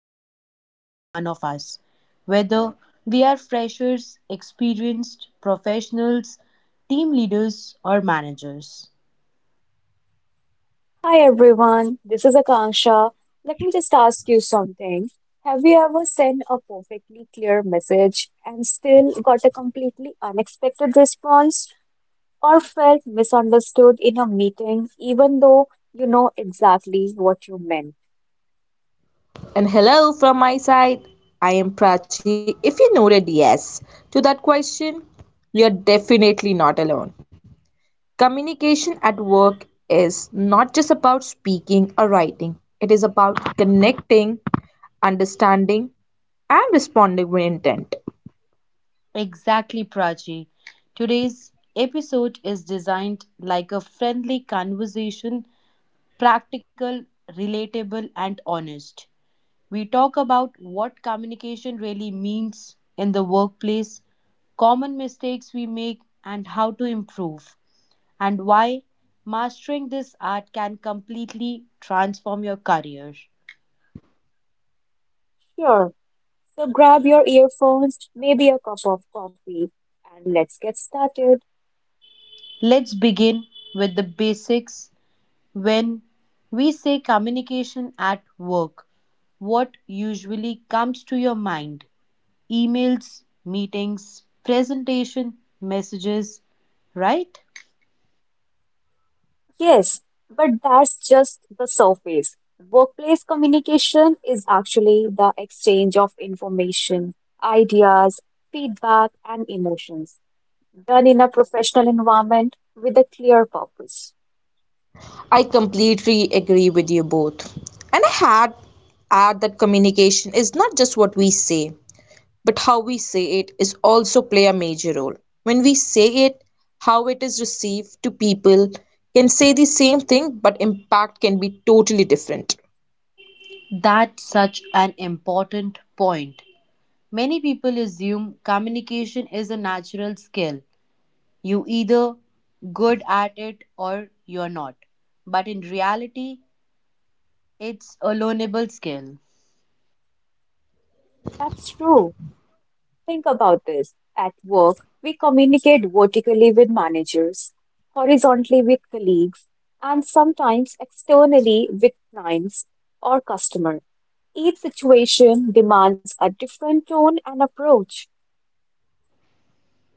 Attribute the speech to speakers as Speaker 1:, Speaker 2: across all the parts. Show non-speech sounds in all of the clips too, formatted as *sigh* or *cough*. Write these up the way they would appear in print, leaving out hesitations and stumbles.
Speaker 1: every single one of us, whether we are freshers, experienced professionals, team leaders, or managers.
Speaker 2: Hi everyone, this is Akanksha. Let me just ask you something. Have you ever sent a perfectly clear message and still got a completely unexpected response or felt misunderstood in a meeting even though you know exactly what you meant?
Speaker 3: And hello from my side. I am Prachi. If you noted yes to that question, you're definitely not alone. Communication at work is not just about speaking or writing, it is about connecting, understanding, and responding with intent.
Speaker 1: Exactly, Prachi. Today's episode is designed like a friendly conversation, practical, relatable, and honest. We talk about what communication really means in the workplace, common mistakes we make, and how to improve, and why mastering this art can completely transform your career.
Speaker 2: Sure. So grab your earphones, maybe a cup of coffee, and let's get started.
Speaker 1: Let's begin with the basics. When we say communication at work, what usually comes to your mind? Emails, meetings, presentation, messages, right?
Speaker 2: Yes, but that's just the surface. Workplace communication is actually the exchange of information, ideas, feedback, and emotions done in a professional environment with a clear purpose.
Speaker 3: I completely agree with you both. And I had add that communication is not just what we say, but how we say it is also play a major role. When we say it, how it is received to people can say the same thing, but impact can be totally different.
Speaker 1: That's such an important point. Many people assume communication is a natural skill. You either good at it or you're not. But in reality, it's a learnable skill.
Speaker 2: That's true. Think about this. At work, we communicate vertically with managers, horizontally with colleagues, and sometimes externally with clients or customers. Each situation demands a different tone and approach.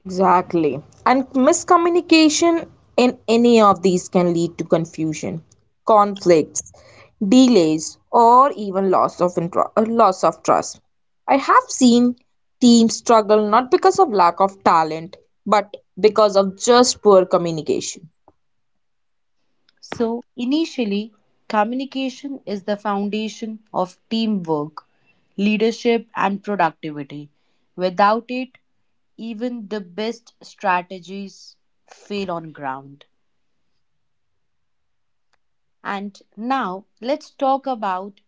Speaker 3: Exactly. And miscommunication in any of these can lead to confusion, conflicts, delays, or even loss of trust. I have seen teams struggle not because of lack of talent, but because of just poor communication.
Speaker 1: So, initially, communication is the foundation of teamwork, leadership, and productivity. Without it, even the best strategies fail on ground. And now, let's talk about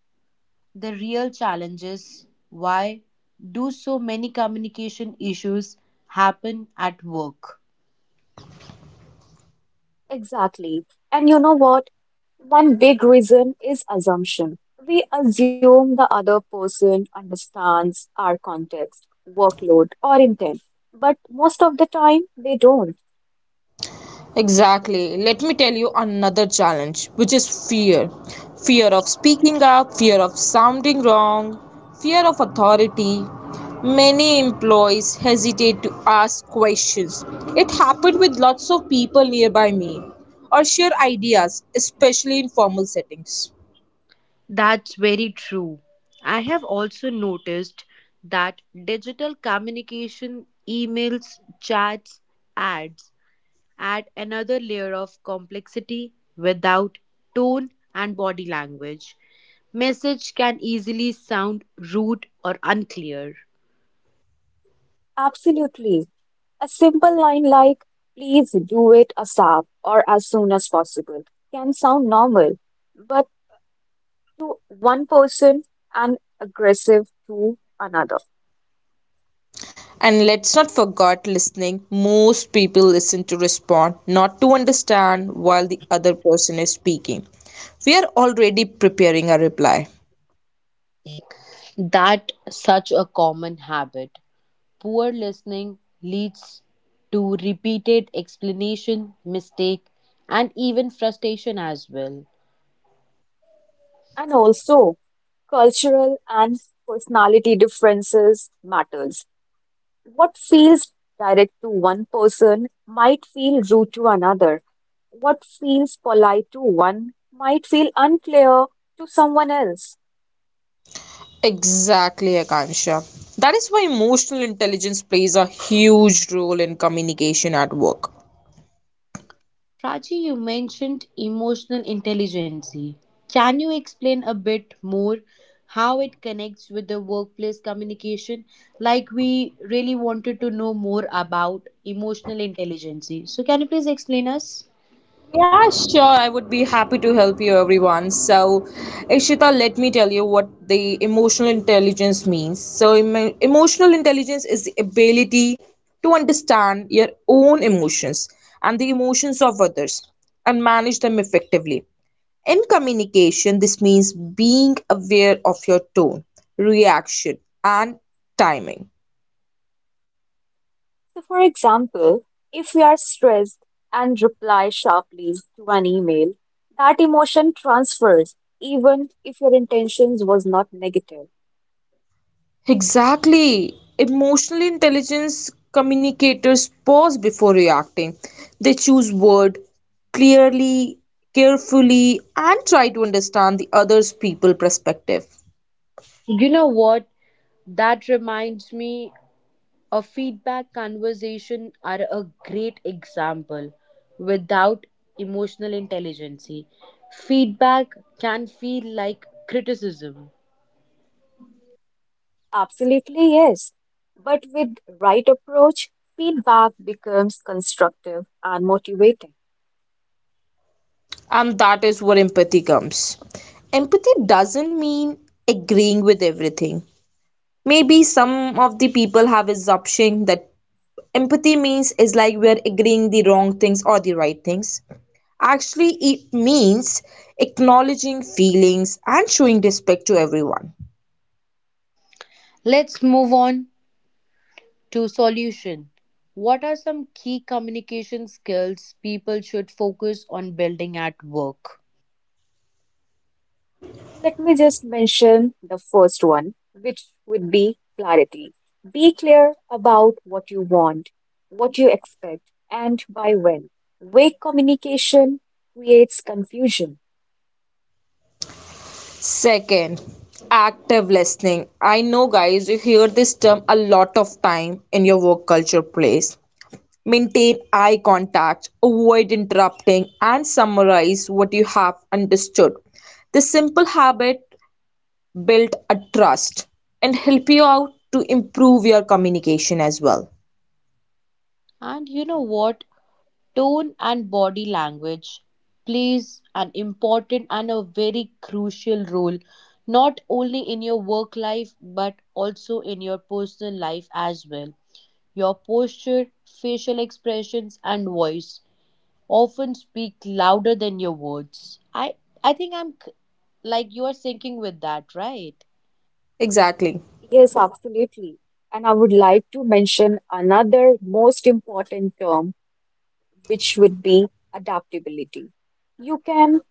Speaker 1: the real challenges. Why do so many communication issues happen at work?
Speaker 2: Exactly. And you know what? One big reason is assumption. We assume the other person understands our context, workload, or intent, but most of the time they don't.
Speaker 3: Exactly. Let me tell you another challenge, which is fear. Fear of speaking up, fear of sounding wrong, fear of authority. Many employees hesitate to ask questions. It happened with lots of people nearby me or share ideas, especially in formal settings.
Speaker 1: That's very true. I have also noticed that digital communication, emails, chats, ads add another layer of complexity without tone and body language. Message can easily sound rude or unclear.
Speaker 2: Absolutely. A simple line like, please do it ASAP or as soon as possible, can sound normal, but to one person and aggressive to another.
Speaker 3: And let's not forget listening. Most people listen to respond, not to understand while the other person is speaking. We are already preparing a reply.
Speaker 1: That such a common habit. Poor listening leads to repeated explanation, mistake, and even frustration as well.
Speaker 2: And also, cultural and personality differences matters. What feels direct to one person might feel rude to another. What feels polite to one might feel unclear to someone else.
Speaker 3: Exactly, Akansha. That is why emotional intelligence plays a huge role in communication at work.
Speaker 1: Prachi, you mentioned emotional intelligence. Can you explain a bit more how it connects with the workplace communication? Like, we really wanted to know more about emotional intelligence. So, can you please explain us?
Speaker 3: Yeah, sure. I would be happy to help you, everyone. So, Ishita, let me tell you what the emotional intelligence means. So, emotional intelligence is the ability to understand your own emotions and the emotions of others and manage them effectively. In communication, this means being aware of your tone, reaction, and timing.
Speaker 2: So, for example, if we are stressed and reply sharply to an email, that emotion transfers even if your intentions was not negative.
Speaker 3: Exactly. Emotional intelligence communicators pause before reacting. They choose word clearly, carefully, and try to understand the other's people perspective.
Speaker 1: You know what? That reminds me a feedback conversation are a great example without emotional intelligence. Feedback can feel like criticism.
Speaker 2: Absolutely, yes. But with right approach, feedback becomes constructive and motivating.
Speaker 3: And that is where empathy comes. Empathy doesn't mean agreeing with everything. Maybe some of the people have assumption that empathy means is like we are agreeing the wrong things or the right things. Actually, it means acknowledging feelings and showing respect to everyone.
Speaker 1: Let's move on to solution. What are some key communication skills people should focus on building at work?
Speaker 2: Let me just mention the first one, which would be clarity. Be clear about what you want, what you expect, and by when. Vague communication creates confusion.
Speaker 3: Second, active listening. I know, guys, you hear this term a lot of time in your work culture place. Maintain eye contact, avoid interrupting, and summarize what you have understood. This simple habit build a trust and help you out to improve your communication as well.
Speaker 1: And you know what? Tone and body language plays an important and a very crucial role not only in your work life but also in your personal life as well. Your posture, facial expressions and voice often speak louder than your words. I think like you are syncing with that, right?
Speaker 3: Exactly.
Speaker 2: Yes, absolutely. And I would like to mention another most important term, which would be adaptability. You can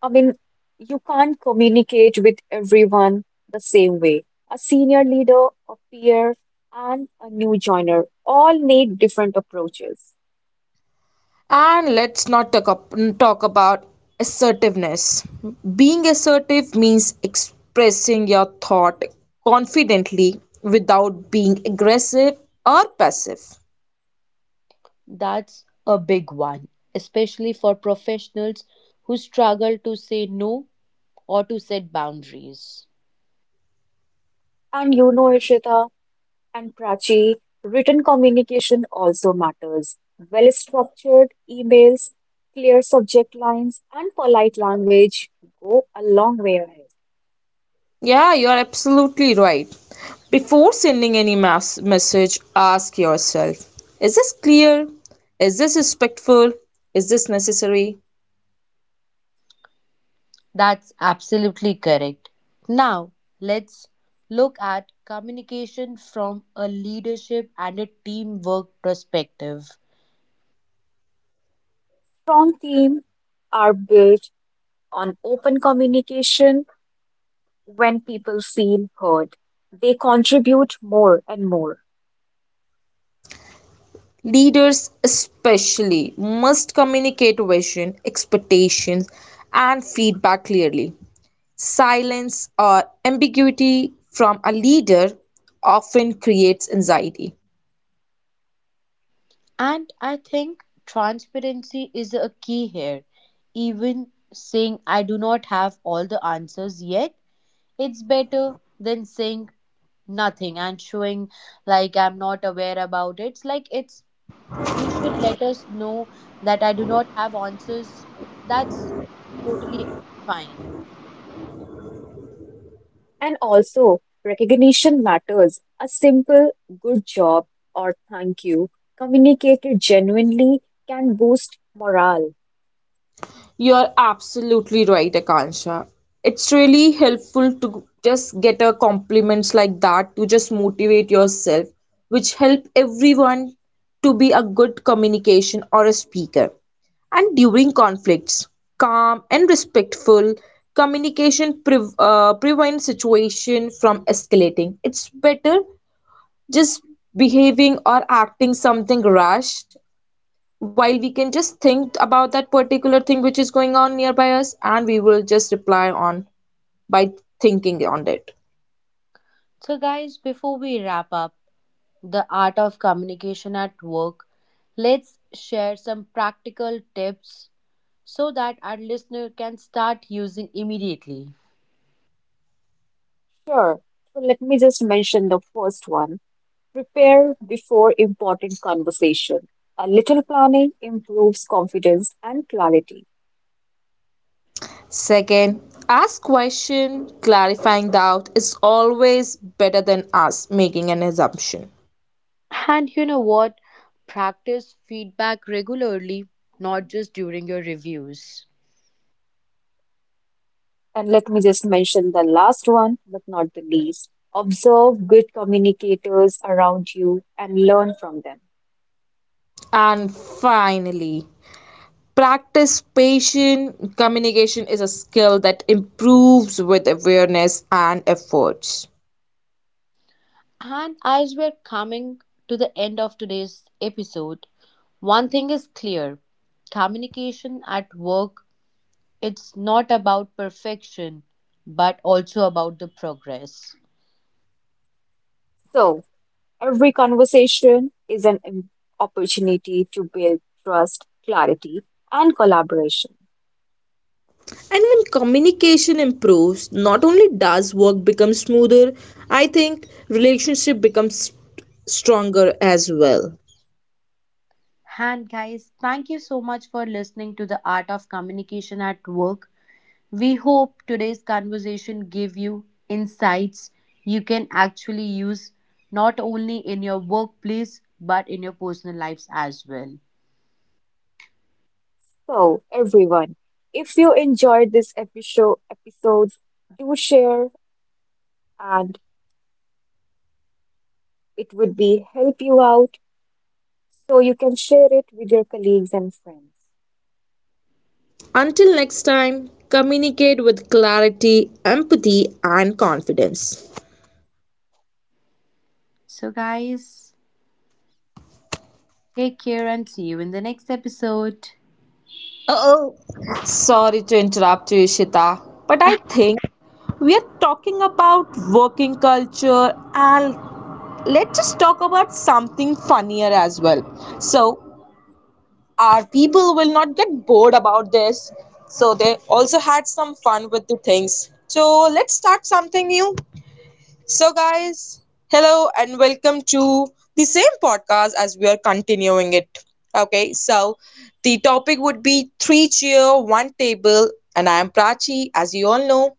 Speaker 2: I mean, you can't communicate with everyone the same way. A senior leader, a peer, and a new joiner all need different approaches.
Speaker 3: And let's not talk, up, talk about assertiveness. Being assertive means expressing your thought confidently without being aggressive or passive.
Speaker 1: That's a big one, especially for professionals who struggle to say no or to set boundaries.
Speaker 2: And you know, Ishita and Prachi, written communication also matters. Well-structured emails, clear subject lines, and polite language go a long way ahead.
Speaker 3: Yeah, you are absolutely right. Before sending any mass message, ask yourself, is this clear? Is this respectful? Is this necessary?
Speaker 1: That's absolutely correct. Now, let's look at communication from a leadership and a teamwork perspective.
Speaker 2: Strong teams are built on open communication when people feel heard, they contribute more and more.
Speaker 3: Leaders, especially, must communicate vision, expectations, and feedback clearly. Silence or ambiguity from a leader often creates anxiety.
Speaker 1: And I think transparency is a key here. Even saying I do not have all the answers yet, it's better than saying nothing and showing like I'm not aware about it. It's like it's he should let us know that I do not have answers. That's totally fine.
Speaker 2: And also, recognition matters. A simple good job or thank you communicated genuinely can boost morale.
Speaker 3: You're absolutely right, Akansha. It's really helpful to just get a compliments like that to just motivate yourself, which help everyone to be a good communication or a speaker. And during conflicts, calm and respectful communication prevents situation from escalating. It's better just behaving or acting something rash while we can just think about that particular thing which is going on nearby us and we will just reply on by thinking on it.
Speaker 1: So, guys, before we wrap up the art of communication at work, let's share some practical tips so that our listener can start using immediately.
Speaker 2: Sure. So let me just mention the first one. Prepare before important conversation. A little planning improves confidence and clarity.
Speaker 3: Second, ask question, clarifying doubt is always better than us making an assumption.
Speaker 1: And you know what? Practice feedback regularly, not just during your reviews.
Speaker 2: And let me just mention the last one, but not the least. Observe good communicators around you and learn from them.
Speaker 3: And finally, practice patient communication is a skill that improves with awareness and efforts.
Speaker 1: And as we're coming to the end of today's episode, one thing is clear: communication at work, it's not about perfection but also about the progress.
Speaker 2: So, every conversation is an opportunity to build trust, clarity, and collaboration.
Speaker 3: And when communication improves, not only does work become smoother, I think relationship becomes stronger as well.
Speaker 1: And guys, thank you so much for listening to The Art of Communication at Work. We hope today's conversation gave you insights you can actually use not only in your workplace but in your personal lives as well.
Speaker 2: So, everyone, if you enjoyed this episode, do share and it would be help you out so you can share it with your colleagues and friends.
Speaker 3: Until next time, communicate with clarity, empathy, and confidence.
Speaker 1: So guys, take care and see you in the next episode.
Speaker 3: Oh, sorry to interrupt you, Ishita, but I think we are talking about working culture and let's just talk about something funnier as well, so our people will not get bored about this. So they also had some fun with the things. So let's start something new. So guys, hello and welcome to the same podcast as we are continuing it. Okay, so the topic would be three chair, one table, and I am Prachi, as you all know.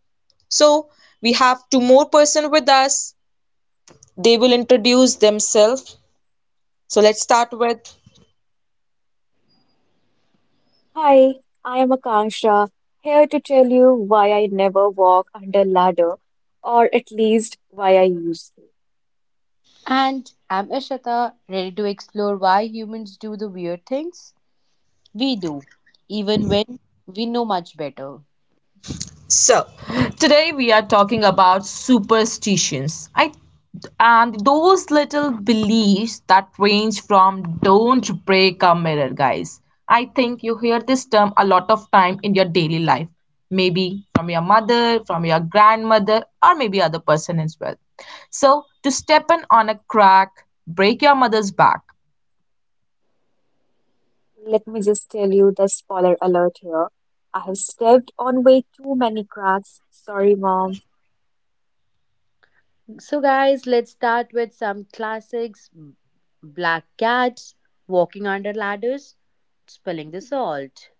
Speaker 3: So we have two more person with us. They will introduce themselves. So let's start with.
Speaker 2: Hi, I am Akanksha, here to tell you why I never walk under ladder, or at least why I used to.
Speaker 1: And I'm Ishita, ready to explore why humans do the weird things we do, even when we know much better.
Speaker 3: So, today we are talking about superstitions. I and those little beliefs that range from don't break a mirror, guys. I think you hear this term a lot of time in your daily life. Maybe from your mother, from your grandmother, or maybe other person as well. So, to step in on a crack, break your mother's back.
Speaker 2: Let me just tell you the spoiler alert here. I have stepped on way too many cracks. Sorry, mom.
Speaker 1: So, guys, let's start with some classics: Black Cats, Walking Under Ladders, Spilling the Salt.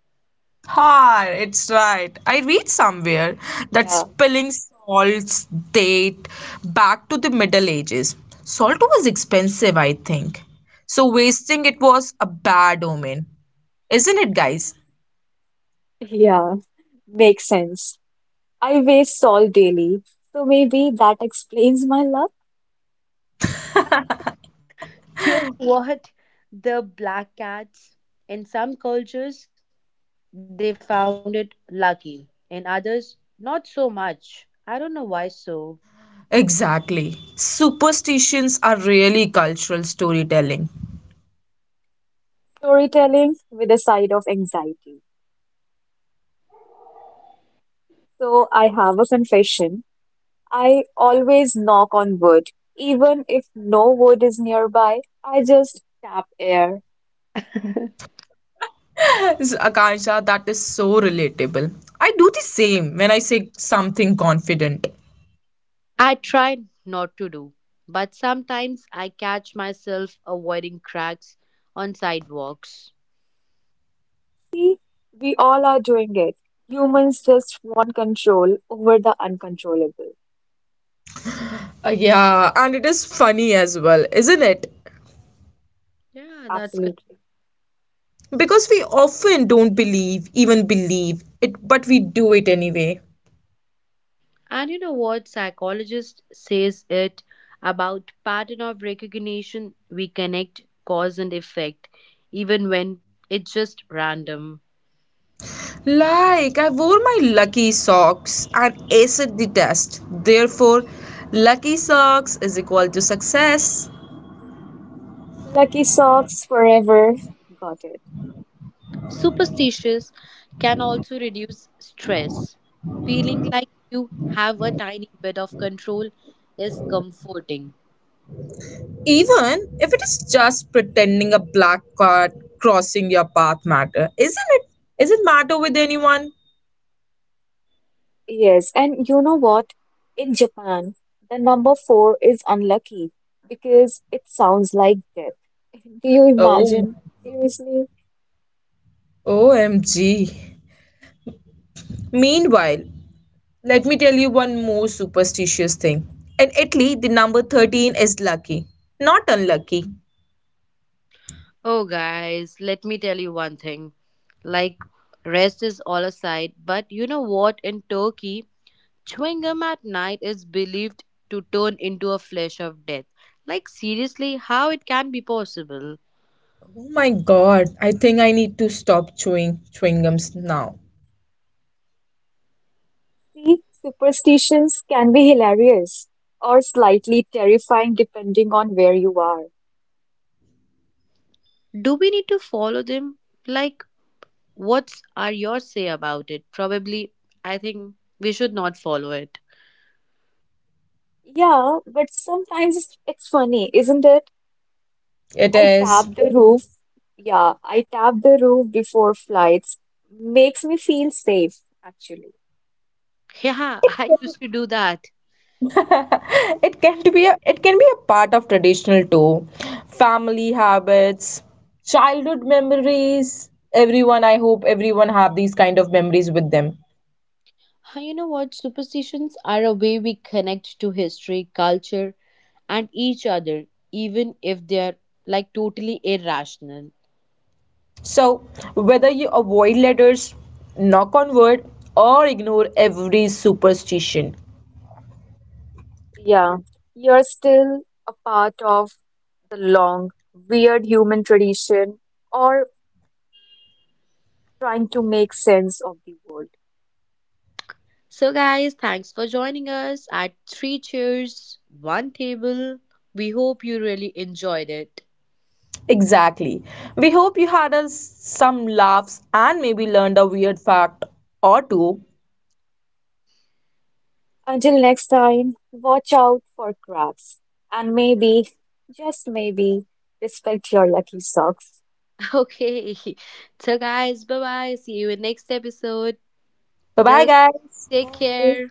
Speaker 3: Ah, it's right. I read somewhere that
Speaker 2: Yeah,
Speaker 3: spilling salts date back to the Middle Ages. Salt was expensive, I think. So wasting it was a bad omen. Isn't it, guys?
Speaker 2: yeah, makes sense. I waste salt daily, so maybe that explains my love.
Speaker 1: *laughs* You know what? The black cats, in some cultures, they found it lucky, in others, not so much. I don't know why so.
Speaker 3: Exactly. Superstitions are really cultural storytelling.
Speaker 2: Storytelling with a side of anxiety. So I have a confession. I always knock on wood. Even if no wood is nearby, I just tap air.
Speaker 3: So, Akansha, that is so relatable. I do the same when I say something confident.
Speaker 1: I try not to do, but sometimes I catch myself avoiding cracks on sidewalks.
Speaker 2: See, we all are doing it. Humans just want control over the uncontrollable.
Speaker 3: Yeah, and it is funny as well, isn't it?
Speaker 1: Yeah, that's.
Speaker 2: Absolutely.
Speaker 3: Because we often don't believe, even believe it, but we do it anyway.
Speaker 1: And you know what psychologist says it about pattern of recognition, we connect cause and effect even when it's just random.
Speaker 3: Like, I wore my lucky socks and aced the test. Therefore, lucky socks is equal to success.
Speaker 2: Lucky socks forever. Got it.
Speaker 1: Superstitious can also reduce stress. Feeling like you have a tiny bit of control is comforting.
Speaker 3: Even if it is just pretending a black card crossing your path matter, isn't it? Is it matter with anyone?
Speaker 2: Yes, and you know what? In Japan, the number four is unlucky because it sounds like death. *laughs* Do you
Speaker 3: Oh my.
Speaker 2: imagine? Seriously?
Speaker 3: OMG. Meanwhile, let me tell you one more superstitious thing. In Italy, the number 13 is lucky, not unlucky.
Speaker 1: Oh guys, let me tell you one thing. Like rest is all aside, but you know what, in Turkey chewing gum at night is believed to turn into a flesh of death. Like, seriously, how it can be possible?
Speaker 3: Oh my god, I think I need to stop chewing gums now.
Speaker 2: See, superstitions can be hilarious or slightly terrifying depending on where you are.
Speaker 1: Do we need to follow them? Like, what's are your say about it? Probably, I think we should not follow it.
Speaker 2: Yeah, but sometimes it's funny, isn't it?
Speaker 3: It
Speaker 2: I
Speaker 3: is.
Speaker 2: tap the roof. Yeah, I tap the roof before flights. Makes me feel safe, actually.
Speaker 1: Yeah, *laughs* I used to do that.
Speaker 3: *laughs* It can be a part of traditional too. Family habits, childhood memories. Everyone, I hope everyone have these kind of memories with them.
Speaker 1: Ah, you know what? Superstitions are a way we connect to history, culture, and each other, even if they are like totally irrational.
Speaker 3: So whether you avoid letters, knock on wood, or ignore every superstition,
Speaker 2: Yeah, you're still a part of the long, weird human tradition or trying to make sense of the world.
Speaker 1: So, guys, thanks for joining us at Three Cheers, One Table. We hope you really enjoyed it.
Speaker 3: exactly. We hope you had us some laughs and maybe learned a weird fact or two.
Speaker 2: Until next time, watch out for cracks and maybe, just maybe, respect your lucky socks.
Speaker 1: *laughs* Okay. So, guys, bye bye. See you in next episode.
Speaker 3: Bye bye,
Speaker 1: Till
Speaker 3: guys.
Speaker 1: take care.
Speaker 2: Bye.